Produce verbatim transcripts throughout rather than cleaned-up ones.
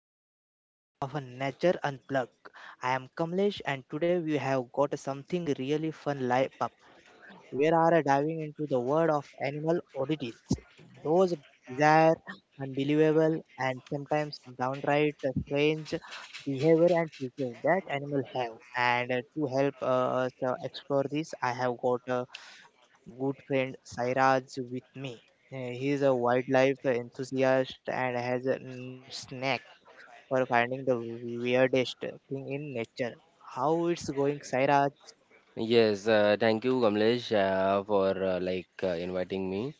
another episode of a Nature Unplugged. I am Kamlesh and today we have got something really fun live up. We are diving into the world of animal oddities, those bizarre, unbelievable and sometimes downright strange behavior and features that animals have. And uh, to help uh, us uh, explore this, I have got uh, my good friend Sairaj with me. Uh, He is a wildlife enthusiast and has a mm, knack for finding the weirdest thing in nature. How it's going, Sairaj? Yes, uh, thank you, Kamlesh, uh, for uh, like uh, inviting me,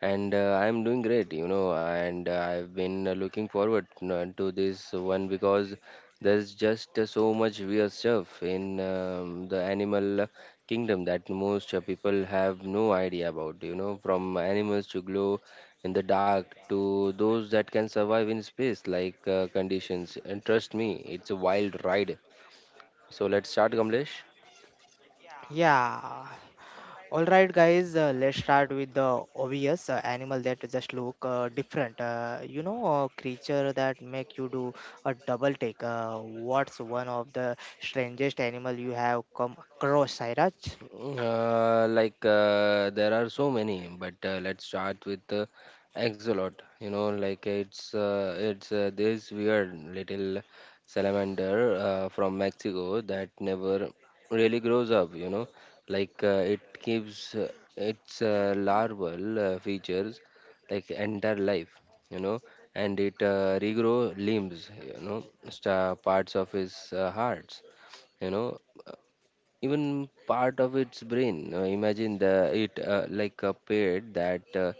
and uh, I'm doing great, you know, and uh, I've been uh, looking forward uh, to this one because there's just uh, so much weird stuff in um, the animal kingdom that most uh, people have no idea about, you know, from animals to glow in the dark to those that can survive in space like uh, conditions. And trust me, it's a wild ride. So let's start, Kamlesh. Yeah. All right, guys. Uh, let's start with the obvious uh, animal that just look uh, different. Uh, you know, a creature that make you do a double take. Uh, what's one of the strangest animal you have come across, Sairaj? Uh, like uh, there are so many, but uh, let's start with uh, Axolot. You know, like it's uh, it's uh, this weird little salamander uh, from Mexico that never really grows up. You know, like uh, it keeps uh, its uh, larval uh, features like entire life. You know, and it uh, regrow limbs. You know, sta parts of his uh, hearts, you know, even part of its brain. Uh, imagine the it uh, like a parrot that uh,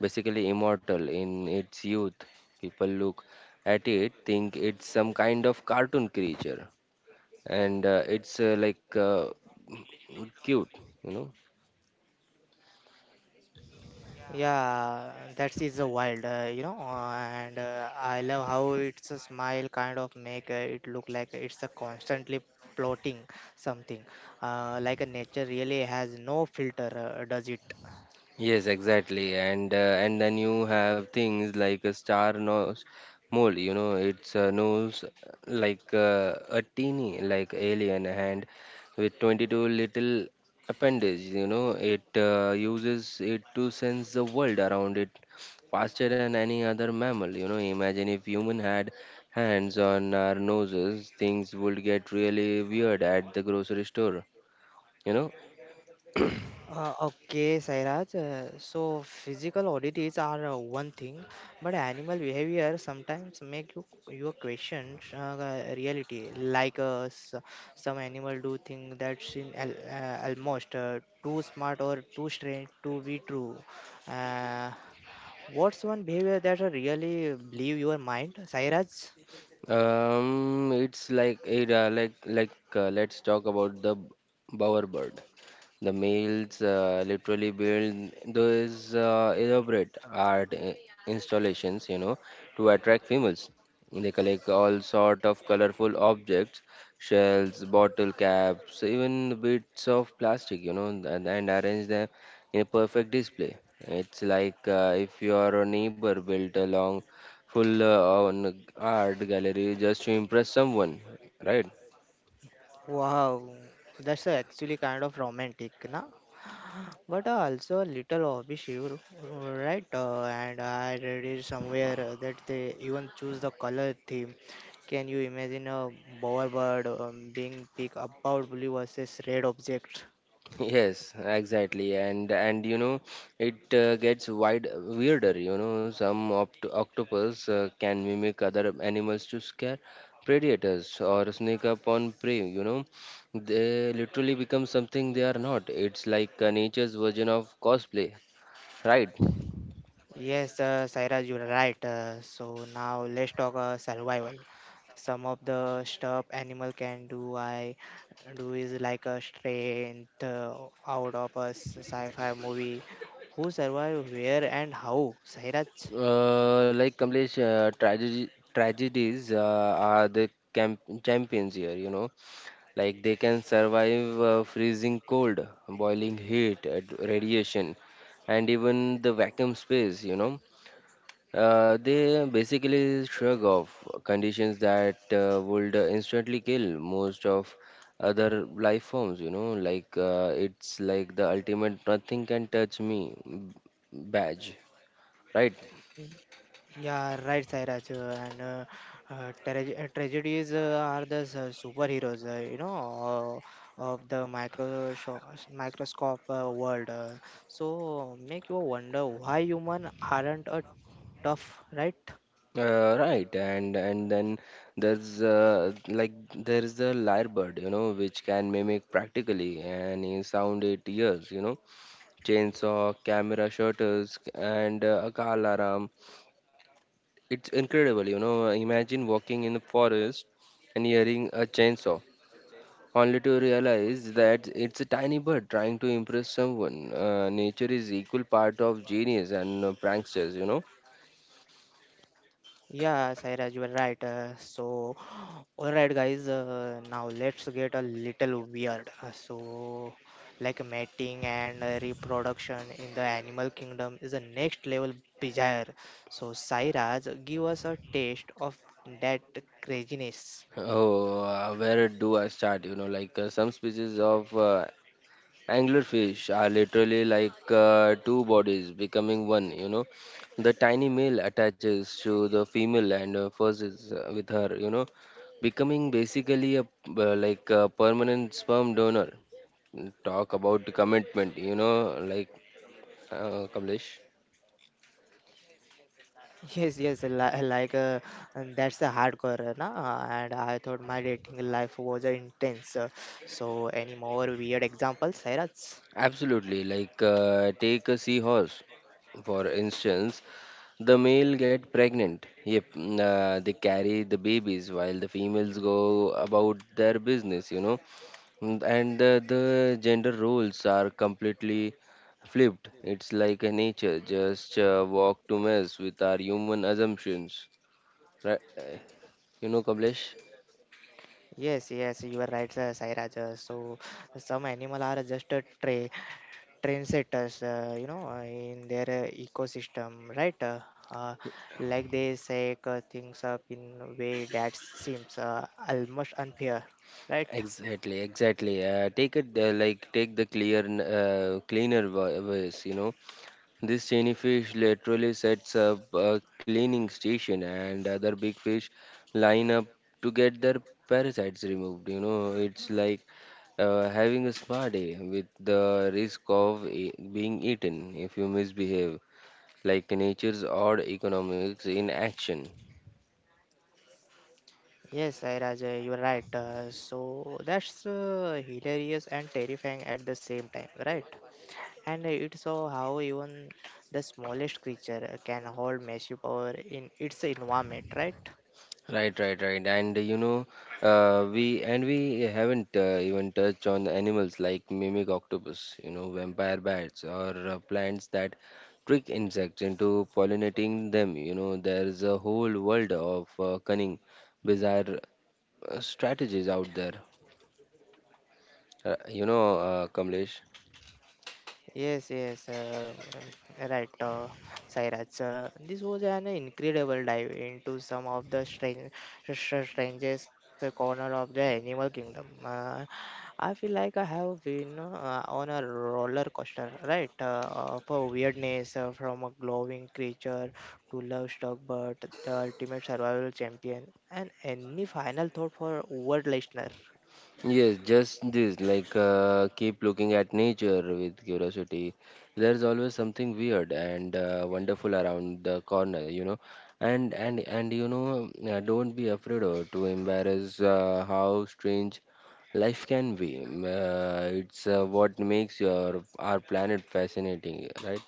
basically immortal in its youth. People look at it, think it's some kind of cartoon creature, and uh, it's uh, like uh, cute, you know. Yeah, that is a wild, uh, you know, uh, and uh, I love how it's a smile kind of make uh, it look like it's a constantly plotting something. Uh, like a nature really has no filter, uh, does it? Yes, exactly, and uh, and then you have things like a star nose mole. You know, it's a nose like uh, a teeny like alien hand with twenty-two little appendage. You know, it uh, uses it to sense the world around it faster than any other mammal. You know, imagine if human had hands on our noses, things would get really weird at the grocery store. You know. Uh, okay, Sairaj. Uh, so physical oddities are uh, one thing, but animal behavior sometimes make you your question uh, the reality. Like uh, s- some animal do things that seem al- uh, almost uh, too smart or too strange to be true. Uh, what's one behavior that uh, really blew your mind, Sairaj? Um, it's like it, uh, like like uh, Let's talk about the bowerbird. The males uh, literally build those uh, elaborate art i- installations, you know, to attract females. They collect all sort of colorful objects, shells, bottle caps, even bits of plastic, you know, and, and arrange them in a perfect display. It's like uh, if your neighbor built a long, full uh, on art gallery just to impress someone, right? Wow, that's uh, actually kind of romantic, na? But uh, also a little hobby, right? Uh, and I read it somewhere uh, that they even choose the color theme. Can you imagine a bowerbird um, being picked about blue versus red object? Yes, exactly, and and you know, it uh, gets wide weirder. You know, some opt octopus uh, can mimic other animals to scare predators or sneak up on prey. You know, they literally become something they are not. It's like uh, nature's version of cosplay, right? Yes, uh, Sairaj, you're right. Uh, so now let's talk uh, survival. Some of the stuff animal can do, I do is like a strength uh, out of a s- sci-fi movie. Who survive where and how, Sairaj? Uh, like Kamlesh, uh, tragedy tragedies uh, are the camp champions here. You know, like they can survive uh, freezing cold, boiling heat, ad- radiation, and even the vacuum space, you know. Uh, they basically shrug off conditions that uh, would instantly kill most of other life forms, you know. Like uh, it's like the ultimate nothing can touch me b- badge, right? Yeah, right, Sairaj. uh, And uh, uh, trage- uh, tragedies uh, are the s- uh, superheroes, uh, you know, uh, of the micro sho- microscope uh, world. Uh, so make you wonder why human aren't a tough, right? Uh, right, and and then there's uh, like there is the lyrebird, you know, which can mimic practically any sound it hears, you know, chainsaw, camera shutters, and uh, a car alarm. It's incredible, you know. Imagine walking in the forest and hearing a chainsaw, only to realize that it's a tiny bird trying to impress someone. Uh, nature is equal part of genius and uh, pranksters, you know. Yeah, Sairaj, you are right. Uh, so, all right, guys. Uh, now let's get a little weird. Uh, so, like mating and uh, reproduction in the animal kingdom is a next level bizarre. So, Sairaj, give us a taste of that craziness. Oh, uh, where do I start? You know, like uh, some species of uh, anglerfish are literally like uh, two bodies becoming one. You know, the tiny male attaches to the female and uh, fuses uh, with her. You know, becoming basically a uh, like a permanent sperm donor. Talk about commitment. You know, like uh, Kamlesh. Yes, yes, li- like uh, and that's a hardcore, uh, na? And I thought my dating life was uh, intense. Uh, so, any more weird examples, Sairaj? Absolutely. Like uh, take a seahorse for instance. The male get pregnant. Yep, mm, uh, they carry the babies while the females go about their business, you know. Mm, And uh, the gender roles are completely flipped. It's like a nature just uh, walk to mess with our human assumptions. Right? Uh, you know, Kamlesh? Yes, yes, you are right, uh, Sairaj. Uh, So some animal are just a tra trendsetters, uh, you know, uh, in their uh, ecosystem, right? Uh, uh, like they say uh, things up in a way that seems uh, almost unfair, right? Exactly, exactly. Uh, take it uh, like take the clear, n- uh, cleaner wa- ways, you know, this tiny fish literally sets up a cleaning station, and other big fish line up to get their parasites removed. You know, it's like uh, having a spa day with the risk of e- being eaten if you misbehave, like nature's odd economics in action. Yes, Sairaj, uh, you are right. Uh, so that's uh, hilarious and terrifying at the same time, right? And it so how even the smallest creature uh, can hold massive power in its environment, right? Right, right, right. And you know, uh, we and we haven't uh, even touched on animals like mimic octopus, you know, vampire bats or uh, plants that trick insects into pollinating them. You know, there's a whole world of uh, cunning, bizarre uh, strategies out there. Uh, you know, uh, Kamlesh. Yes, yes, uh, um, right, uh, Sairaj. Uh, this was an incredible dive into some of the strange, str- strangest corner of the animal kingdom. Uh, I feel like I have been uh, on a roller coaster, right, uh, of uh, weirdness uh, from a glowing creature to love-struck bird, the ultimate survival champion. And any final thought for our listener? Yes, just this, like uh, keep looking at nature with curiosity. There's always something weird and uh, wonderful around the corner, you know. And and and you know, uh, don't be afraid or to embarrass uh, how strange life can be. Uh, it's uh, what makes your our planet fascinating, right?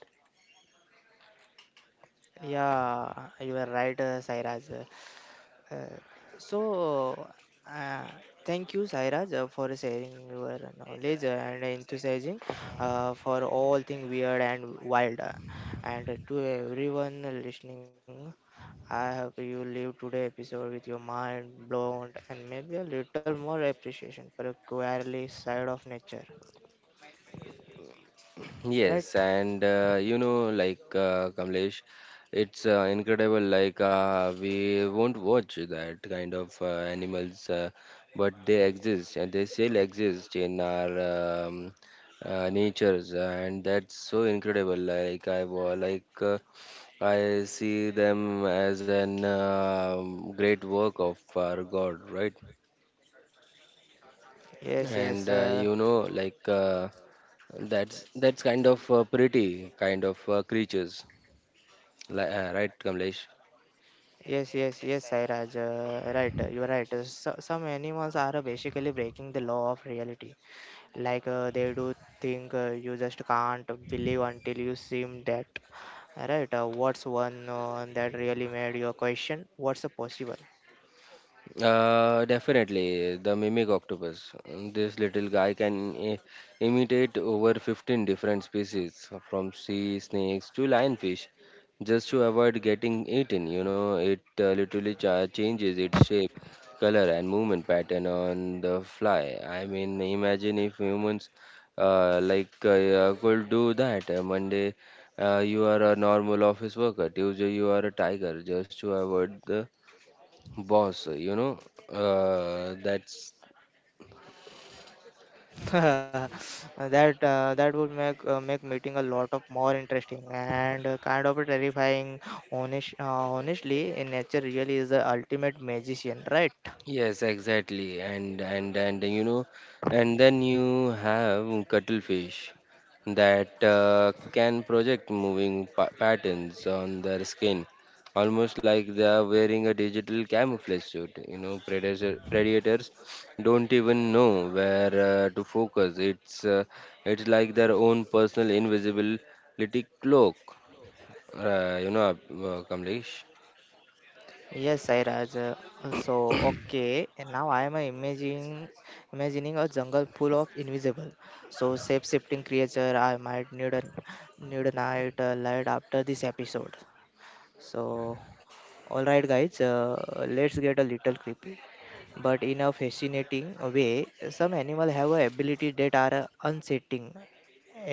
Yeah, you are right, uh, Sairaj. Uh, so, uh, Thank you, Sairaj, uh, for sharing your knowledge and enthusiasm uh, for all things weird and wild. uh, And to everyone listening, I hope you leave today episode with your mind blown and maybe a little more appreciation for the quirky side of nature. Yes, Right? and uh, you know, like uh, Kamlesh, it's uh, incredible. Like uh, we won't watch that kind of uh, animals, uh, but they exist and they still exist in our um, uh, natures, and that's so incredible. Like I wa- like uh, I see them as an um great work of our God, right? Yes, yes. And uh, Uh, you know, like uh, that's that's kind of uh, pretty kind of uh, creatures. Li- uh, right, Kamlesh? Yes, yes, yes, Sairaj. Uh, right, uh, you are right. Uh, So, some animals are uh, basically breaking the law of reality. Like uh, they do think uh, you just can't believe until you see that right uh, what's one uh, that really made your question what's uh, possible. Uh, definitely, the mimic octopus. This little guy can i- imitate over fifteen different species, from sea snakes to lionfish, just to avoid getting eaten. You know, it uh, literally cha- changes its shape, color, and movement pattern on the fly. I mean, imagine if humans uh, like uh, uh, could do that. Uh, Monday, uh, you are a normal office worker. Tuesday, you are a tiger, just to avoid the boss, you know. Uh, that's That uh, that would make uh, make meeting a lot of more interesting and uh, kind of terrifying honest, uh, honestly in nature really is the ultimate magician right. Yes, exactly, and and and you know, and then you have cuttlefish that uh, can project moving pa- patterns on their skin, almost like they are wearing a digital camouflage suit, you know. Predator, predators don't even know where uh, to focus. It's uh, it's like their own personal invisibility cloak, uh, you know uh, Kamlesh. Yes, Sairaj. Uh, So, okay, and now I am uh, imagining imagining a jungle full of invisible, so shape-shifting creature. I might need a need a night uh, light after this episode. So, all right, guys, uh, let's get a little creepy, but in a fascinating way. Some animal have a ability that are uh, unsettling.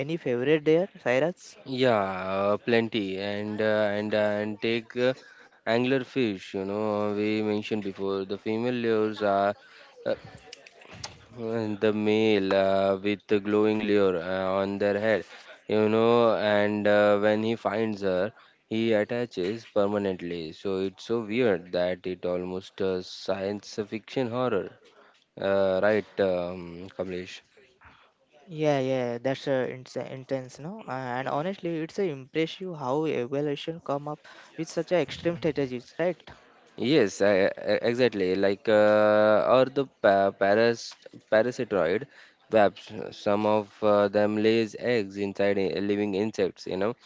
Any favorite there, Sairaj? Yeah, uh, plenty, and uh, and uh, and take uh, angler fish. You know, we mentioned before the female lures are uh, and the male uh, with the glowing lure uh, on their head. You know, and uh, when he finds her, he attaches permanently. So it's so weird that it almost uh, science fiction horror. Uh, right, um, Kamlesh? Yeah, yeah, that's uh, it's uh, intense, no? Uh, and honestly, it's uh, impressive how evaluation come up with such a extreme strategies, right? Yes, I, I- exactly. Like, uh, or the pa paras parasitoid webs. Some of uh, them lays eggs inside i- living insects. You know,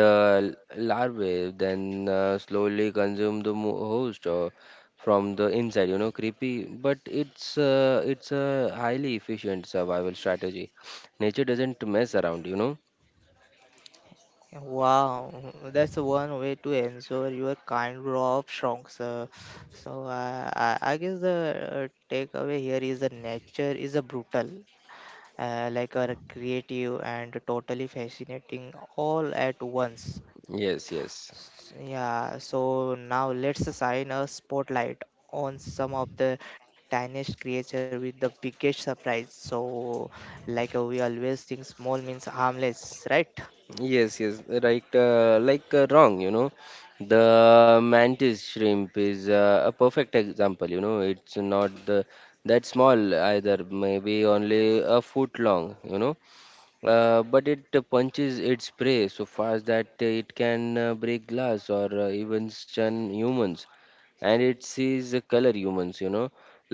the l- larvae then uh, slowly consume the mo- host uh, from the inside. You know, creepy, but it's uh, it's a highly efficient survival strategy. Nature doesn't mess around. You know. Wow, that's one way to ensure your kind of strong, sir. So uh, I, I guess the uh, takeaway here is that nature is a brutal, uh, like a creative and totally fascinating all at once. Yes, yes. Yeah, so now let's shine a spotlight on some of the tiniest creature with the biggest surprise. So, like uh, we always think small means harmless, right? Yes, yes, right. Uh, like uh, wrong, you know. The mantis shrimp is uh, a perfect example. You know, it's not the that small either. Maybe only a foot long. You know, uh, but it uh, punches its prey so fast that it can uh, break glass or uh, even stun humans. And it sees the color humans, you know,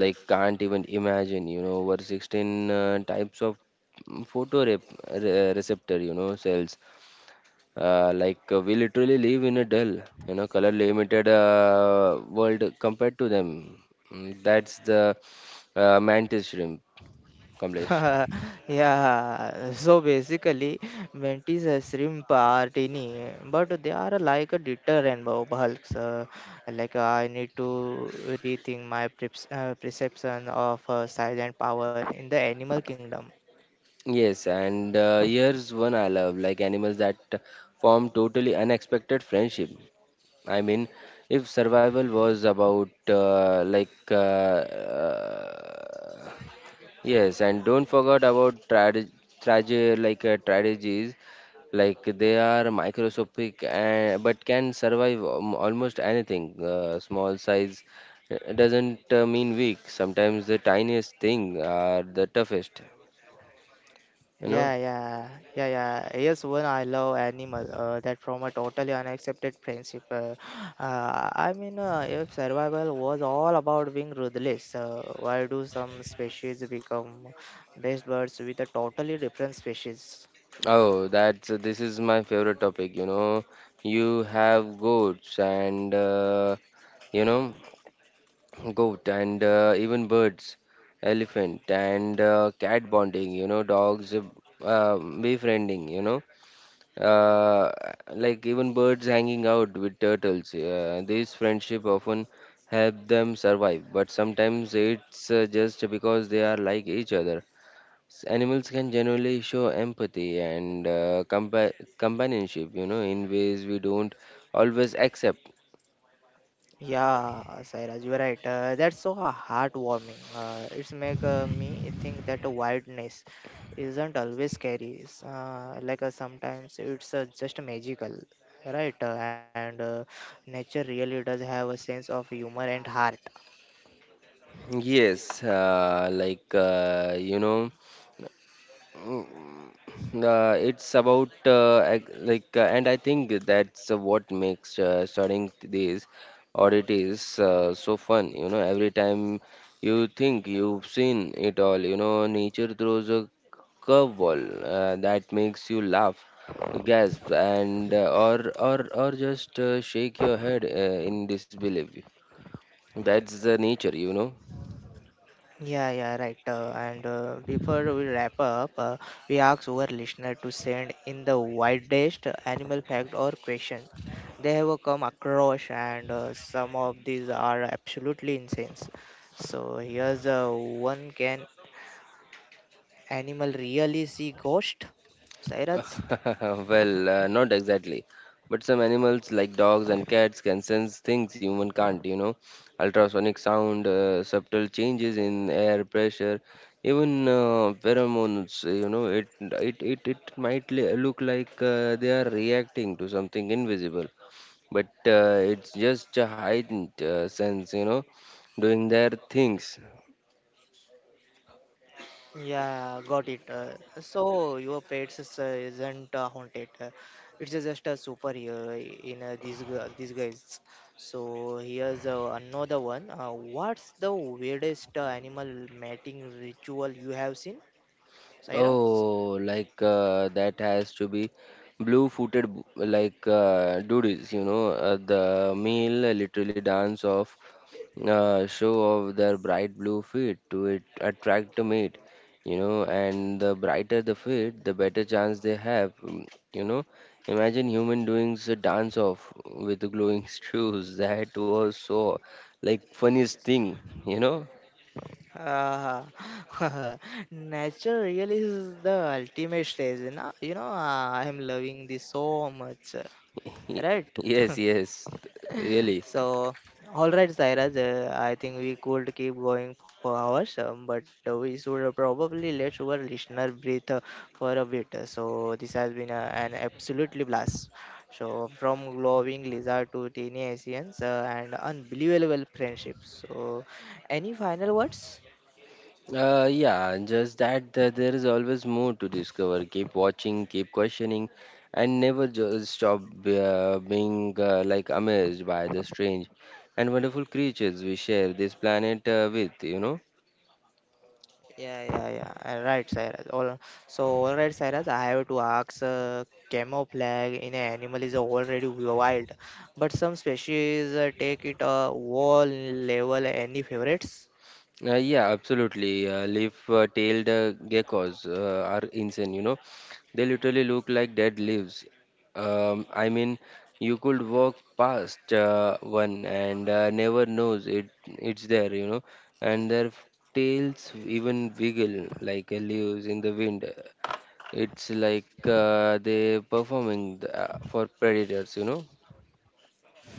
like can't even imagine, you know, over sixteen uh, types of photoreceptor, you know, cells. Uh, like uh, we literally live in a dull, you know, color limited uh, world compared to them. Mm, That's the uh, mantis shrimp, Kamlesh. Yeah, so basically, mantis uh, shrimp are tiny, but they are like a deterrent bu- bulks. Uh, like uh, I need to rethink my preps- uh, perception of uh, size and power in the animal kingdom. Yes, and uh, here's one I love, like animals that form totally unexpected friendship. I mean, if survival was about uh, like uh, uh, yes, and don't forget about trage- trage- like uh, strategies, like they are microscopic and but can survive um, almost anything. Uh, small size uh, doesn't uh, mean weak. Sometimes the tiniest thing are the toughest. You know. Yeah, yeah, yeah, yeah. Here's one I love animal. Uh, that from a totally unaccepted friendship. Uh, uh, I mean, uh, if survival was all about being ruthless, uh, why do some species become best birds with a totally different species? Oh, that's this is my favorite topic. You know, you have goats and uh, you know. Goat and uh, even birds, elephant and uh, cat bonding, you know, dogs uh, um, befriending, you know, uh, like even birds hanging out with turtles. Uh, these friendship often help them survive, but sometimes it's uh, just because they are like each other. S- Animals can generally show empathy and uh, compa companionship, you know, in ways we don't always accept. Yeah, Sairaj, you're right. Uh, that's so uh, heartwarming. Uh, it's make uh, me think that wildness isn't always scary. It's, Uh, like uh, sometimes it's uh, just magical, right? Uh, and uh, Nature really does have a sense of humor and heart. Yes, uh, like uh, you know. Mm, Uh, it's about uh, ag- like, uh, and I think that's uh, what makes uh, studying these audit is uh, so fun. You know, every time you think you've seen it all, you know, nature throws a curveball uh, that makes you laugh, gasp, and uh, or or or just uh, shake your head uh, in disbelief. That's the nature, you know. Yeah, yeah, right. Uh, and uh, Before we wrap up, uh, we ask our listener to send in the wildest animal fact or question they have uh, come across, and uh, some of these are absolutely insane. So here's uh, one: Can animal really see ghost? Cyrus? Well, uh, not exactly. But some animals like dogs and cats can sense things human can't, you know. Ultrasonic sound, uh, subtle changes in air pressure, even uh, pheromones, you know, it it it, it might li- look like uh, they are reacting to something invisible, but uh, it's just a heightened uh, sense, you know, doing their things. Yeah, got it. Uh, so your pets is, uh, isn't uh, haunted. Uh, it's uh, just a superhero in uh, these gu- these guys. So here's uh, another one. Uh, what's the weirdest uh, animal mating ritual you have seen, Cyrus? Oh, like uh, that has to be blue-footed, b- like uh, duties, you know, uh, the male literally dance off, uh, show off their bright blue feet to it, attract a mate, you know, and the brighter the feet, the better chance they have, mm, you know. Imagine human doing a dance off with glowing shoes. That was so like funniest thing, you know. Uh, nature really is the ultimate stage. You know, you know uh, I'm loving this so much. uh, Right? Yes, yes, really. So, all right, Zairaj, uh, I think we could keep going for hours, um, but uh, we should probably let our listener breathe uh, for a bit. So, this has been uh, an absolutely blast. So, from glowing lizard to teeny Asians uh, and unbelievable friendships. So, any final words? Uh, yeah, and just that, that there is always more to discover. Keep watching, keep questioning, and never just stop be- uh, being uh, like amazed by the strange and wonderful creatures we share this planet uh, with, you know. Yeah, yeah, yeah. Uh, Right, Sairaj. All so, all right, Sairaj. I have to ask. Uh, camouflage in an animal is already wild, but some species uh, take it a whole level. Any favorites? Uh, yeah, absolutely. Uh, Leaf-tailed uh, geckos uh, are insane, you know. They literally look like dead leaves. Um, I mean, you could walk past uh, one and uh, never knows it it's there, you know. And their f- tails even wiggle like uh, leaves in the wind. It's like uh, they performing the, uh, for predators, you know.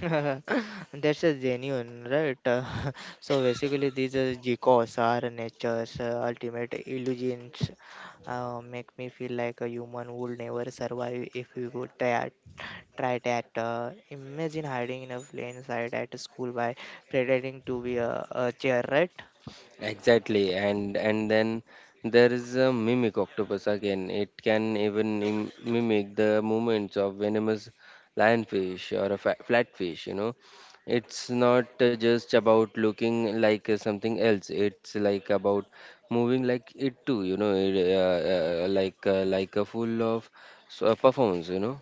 That's a genuine, right? So basically, these uh, geckos are nature's uh, ultimate illusions. Uh, make me feel like a human would never survive if we would try, try that. Uh, imagine hiding in a plain sight at a school by pretending to be a, a chair, right? Exactly, and and then there is a mimic octopus again. It can even im- mimic the movements of venomous lionfish or a fa- flatfish. You know, it's not uh, just about looking like uh, something else. It's like about moving like it too. You know, it, uh, uh, like uh, like a full of s- uh, performance. You know,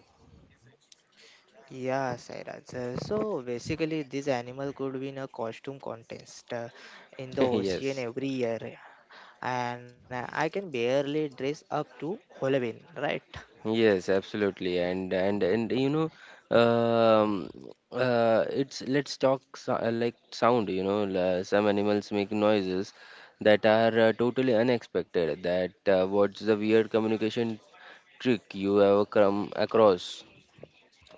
Yeah, Sairaj. Uh, So basically, this animal could win a costume contest uh, in the ocean Yes. every year, and uh, I can barely dress up to Halloween, right? Yes, absolutely, and and and you know, um, uh, it's let's talk so, uh, like sound. You know, la- some animals make noises that are uh, totally unexpected. That uh, What's the weird communication trick you ever come across?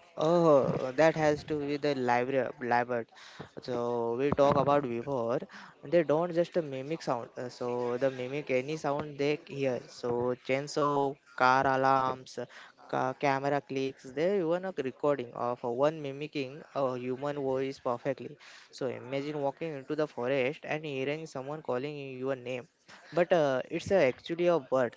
Oh, that has to be the library Libert. So we talk about before. They don't just mimic sound. uh, So they mimic any sound they hear. So chainsaw, car alarms, ca- camera clicks. They even a recording of one mimicking a human voice perfectly. So imagine walking into the forest and hearing someone calling your name, but uh, it's uh, actually a bird.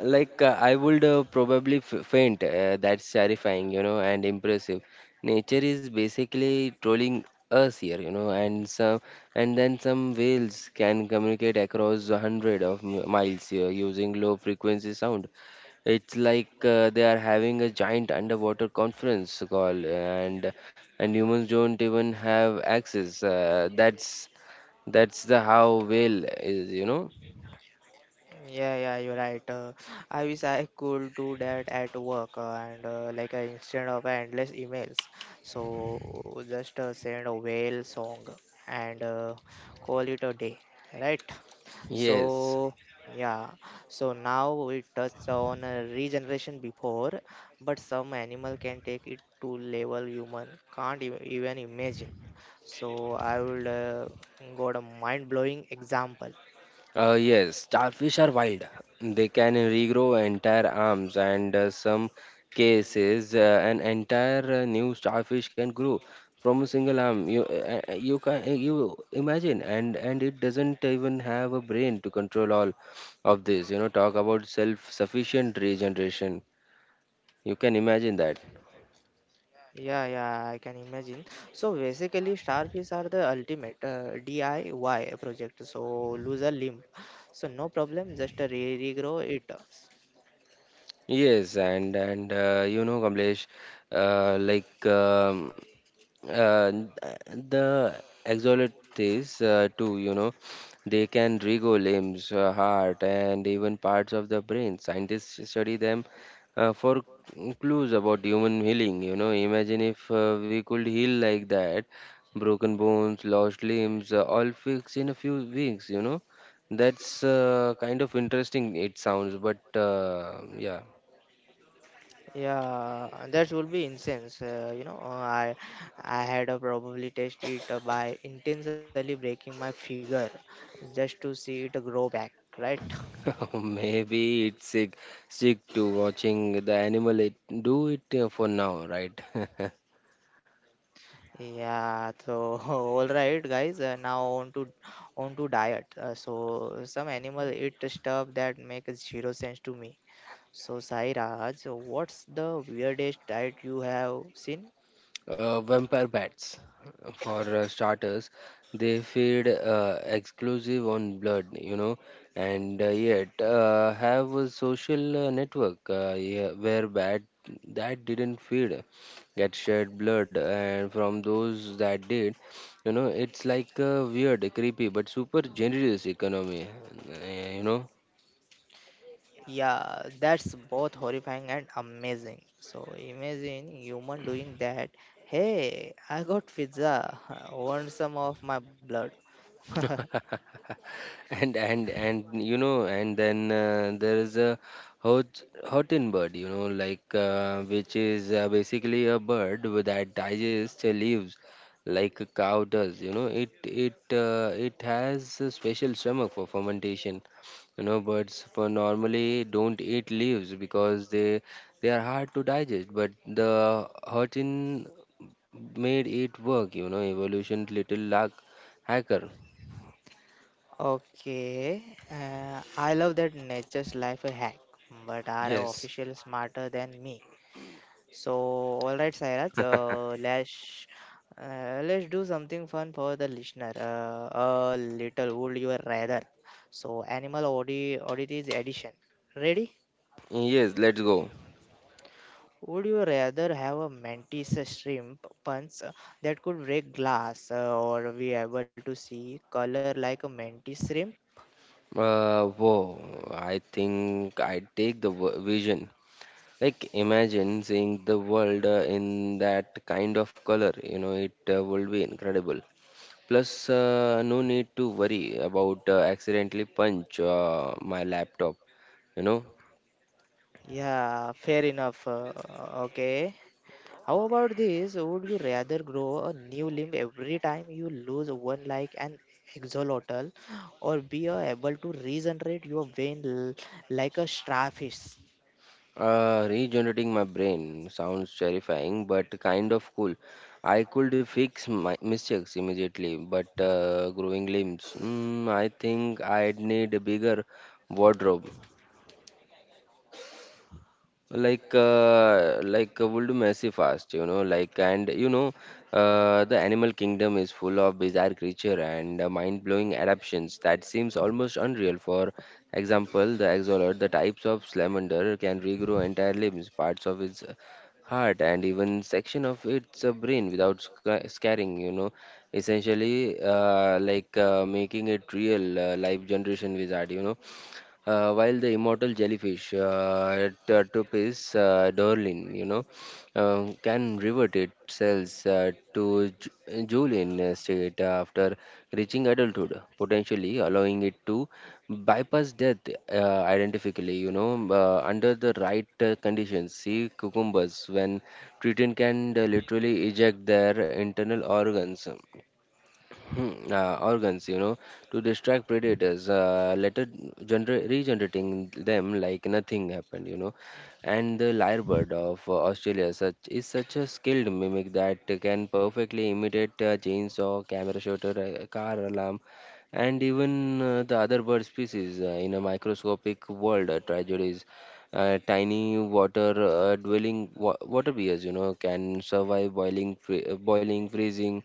Like uh, I would uh, probably f- faint. Uh, that's terrifying, you know, and impressive. Nature is basically trolling us here, you know, and some and then some whales can communicate across a hundred of m- miles here using low frequency sound. It's like uh, they are having a giant underwater conference call, and and humans don't even have access. Uh, that's that's the how whale is, you know. Yeah, yeah, you're right. Uh, I wish I could do that at work uh, and uh, like uh, instead of endless emails. So just uh, send a whale song and uh, call it a day, right? Yes. So yeah, so now we touched on uh, regeneration before, but some animal can take it to level human can't ev- even imagine. So I will uh, got a mind blowing example. Uh, yes, starfish are wild. They can regrow entire arms, and uh, some cases, uh, an entire uh, new starfish can grow from a single arm. You, uh, uh, you can, uh, you imagine, and and it doesn't even have a brain to control all of this. You know, talk about self-sufficient regeneration. You can imagine that. Yeah, yeah, I can imagine. So basically, starfish are the ultimate uh, D I Y project. So lose a limb, so no problem, just uh, re regrow it. Yes, and and uh, you know, Kamlesh, uh, like um, uh, uh, the exoletes uh, too, you know, they can regrow limbs, uh, heart, and even parts of the brain. Scientists study them uh, for clues about human healing. You know, imagine if uh, we could heal like that, broken bones, lost limbs, uh, all fixed in a few weeks. You know, that's uh, kind of interesting. It sounds, but uh, yeah. Yeah, that would be incense. Uh, you know, uh, I I had uh, probably test it uh, by intentionally breaking my figure just to see it grow back, right? Maybe it's sick, sick to watching the animal it, do it uh, for now, right? Yeah, so all right, guys. Uh, now on to on to diet. Uh, so some animal eat stuff that makes zero sense to me. So Sairaj, what's the weirdest diet you have seen? uh, Vampire bats, for uh, starters, they feed uh, exclusive on blood, you know, and uh, yet uh, have a social uh, network uh, yeah, where bat that didn't feed get shared blood, and from those that did, you know, it's like a weird, creepy, but super generous economy, uh, you know. Yeah, that's both horrifying and amazing. So imagine human doing that. Hey, I got pizza. Want some of my blood? And and and you know, and then uh, there is a hot hotin bird, you know, like uh, which is uh, basically a bird with- that digests the leaves like a cow does. You know, it it uh, it has a special stomach for fermentation. You know, birds for normally don't eat leaves because they they are hard to digest. But the hotin made it work. You know, evolution little luck hacker. Okay, uh, I love that nature's life hack, but are Yes, official smarter than me? So, all right, Sairaj, uh, let's uh, let's do something fun for the listener. Uh, a little would you rather? So, animal audi oddities edition. Ready? yes, let's go. Would you rather have a mantis shrimp punch uh, that could break glass, uh, or be able to see color like a mantis shrimp? Uh, whoa, I think I take the w- vision. Like, imagine seeing the world uh, in that kind of color, you know, it uh, would be incredible. Plus, uh, no need to worry about uh, accidentally punch uh, my laptop, you know. Yeah, fair enough. Uh, okay. How about this? Would you rather grow a new limb every time you lose one like an axolotl or be uh, able to regenerate your vein l- like a starfish? Uh, regenerating my brain sounds terrifying, but kind of cool. I could fix my mistakes immediately, but uh, growing limbs, mm, I think I'd need a bigger wardrobe like uh, like uh, will do massive fast. You know like and you know uh, the animal kingdom is full of bizarre creature and uh, mind-blowing adaptations that seems almost unreal. For example, the axolotl, the types of salamander, can regrow entire limbs, parts of its heart, and even section of its uh, brain without sc- scaring, you know essentially uh, like uh, making it real uh, life generation wizard. You know uh, while the immortal jellyfish, uh, Tartopis uh, dorlin, you know, um, can revert itself uh, to ju- Julian state after reaching adulthood, potentially allowing it to bypass death uh, identically, you know, um, uh, under the right uh, conditions. See cucumbers when treated can uh, literally eject their internal organs Hmm, uh, organs, you know, to distract predators, uh, later gener- regenerating them like nothing happened, you know. And the lyrebird of uh, Australia such is such a skilled mimic that can perfectly imitate a chainsaw, camera shutter, a car alarm, and even uh, the other bird species uh, in a microscopic world uh, tragedies. Uh, tiny water uh, dwelling wa- water bears, you know, can survive boiling, fre- uh, boiling, freezing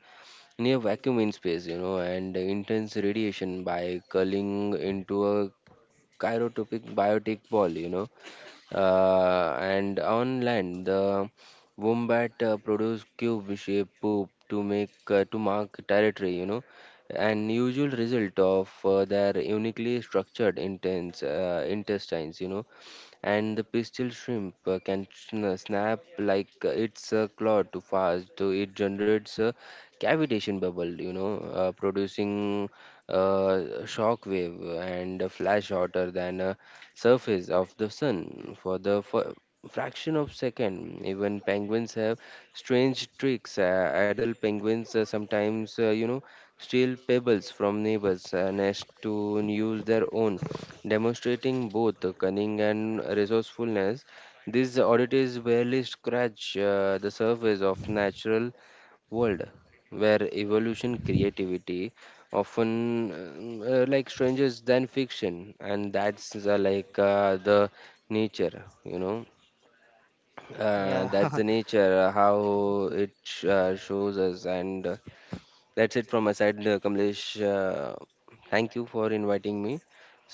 near vacuum in space, you know, and intense radiation by curling into a chirotropic biotic ball, you know. Uh, and on land, the wombat uh, produce cube-shaped poop to make uh, to mark territory, you know, an usual result of uh, their uniquely structured intense uh, intestines. You know, and the pistol shrimp uh, can sn- snap like uh, its uh, claw to fast, so it generates a cavitation bubble, you know, uh, producing uh, shock wave and a flash hotter than surface of the sun for the f- fraction of second. Even penguins have strange tricks. Uh, adult penguins uh, sometimes uh, you know steal pebbles from neighbors uh, nest to use their own, demonstrating both the cunning and resourcefulness. These oddities barely scratch uh, the surface of natural world where evolution creativity often um, uh, like strangers than fiction. And that's uh, like uh, the nature, you know uh, that's Yeah. the nature uh, how it sh- uh, shows us and uh, That's it from my side, uh, Kamlesh. Uh, thank you for inviting me,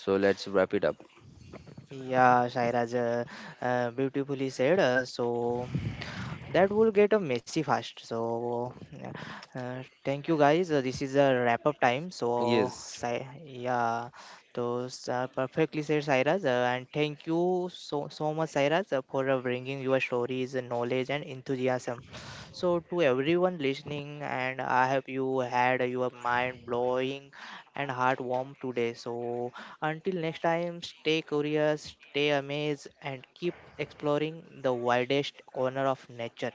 so let's wrap it up. Yeah, Shairaj, uh, uh, beautifully said. Uh, so that will get a messy fast. So uh, uh, thank you guys. Uh, this is a wrap up time. So Yes. Sai, yeah, so uh, perfectly said, Sairaj. Uh, and thank you so so much, Sairaj, uh, for uh, bringing your stories, knowledge, and enthusiasm. So to everyone listening, and I hope you had your mind blowing and heart warm today. So until next time, stay curious, stay amazed, and keep exploring the widest corner of nature.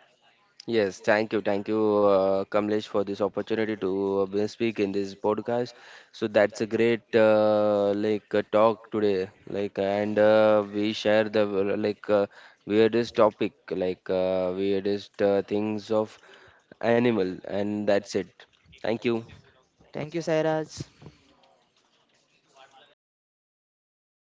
Yes, thank you, thank you, uh, Kamlesh, for this opportunity to uh, speak in this podcast. So that's a great uh, like uh, talk today, like and uh, we share the uh, like uh, weirdest topic, like uh, weirdest uh, things of animal, and that's it. Thank you. Thank you, Sairaj.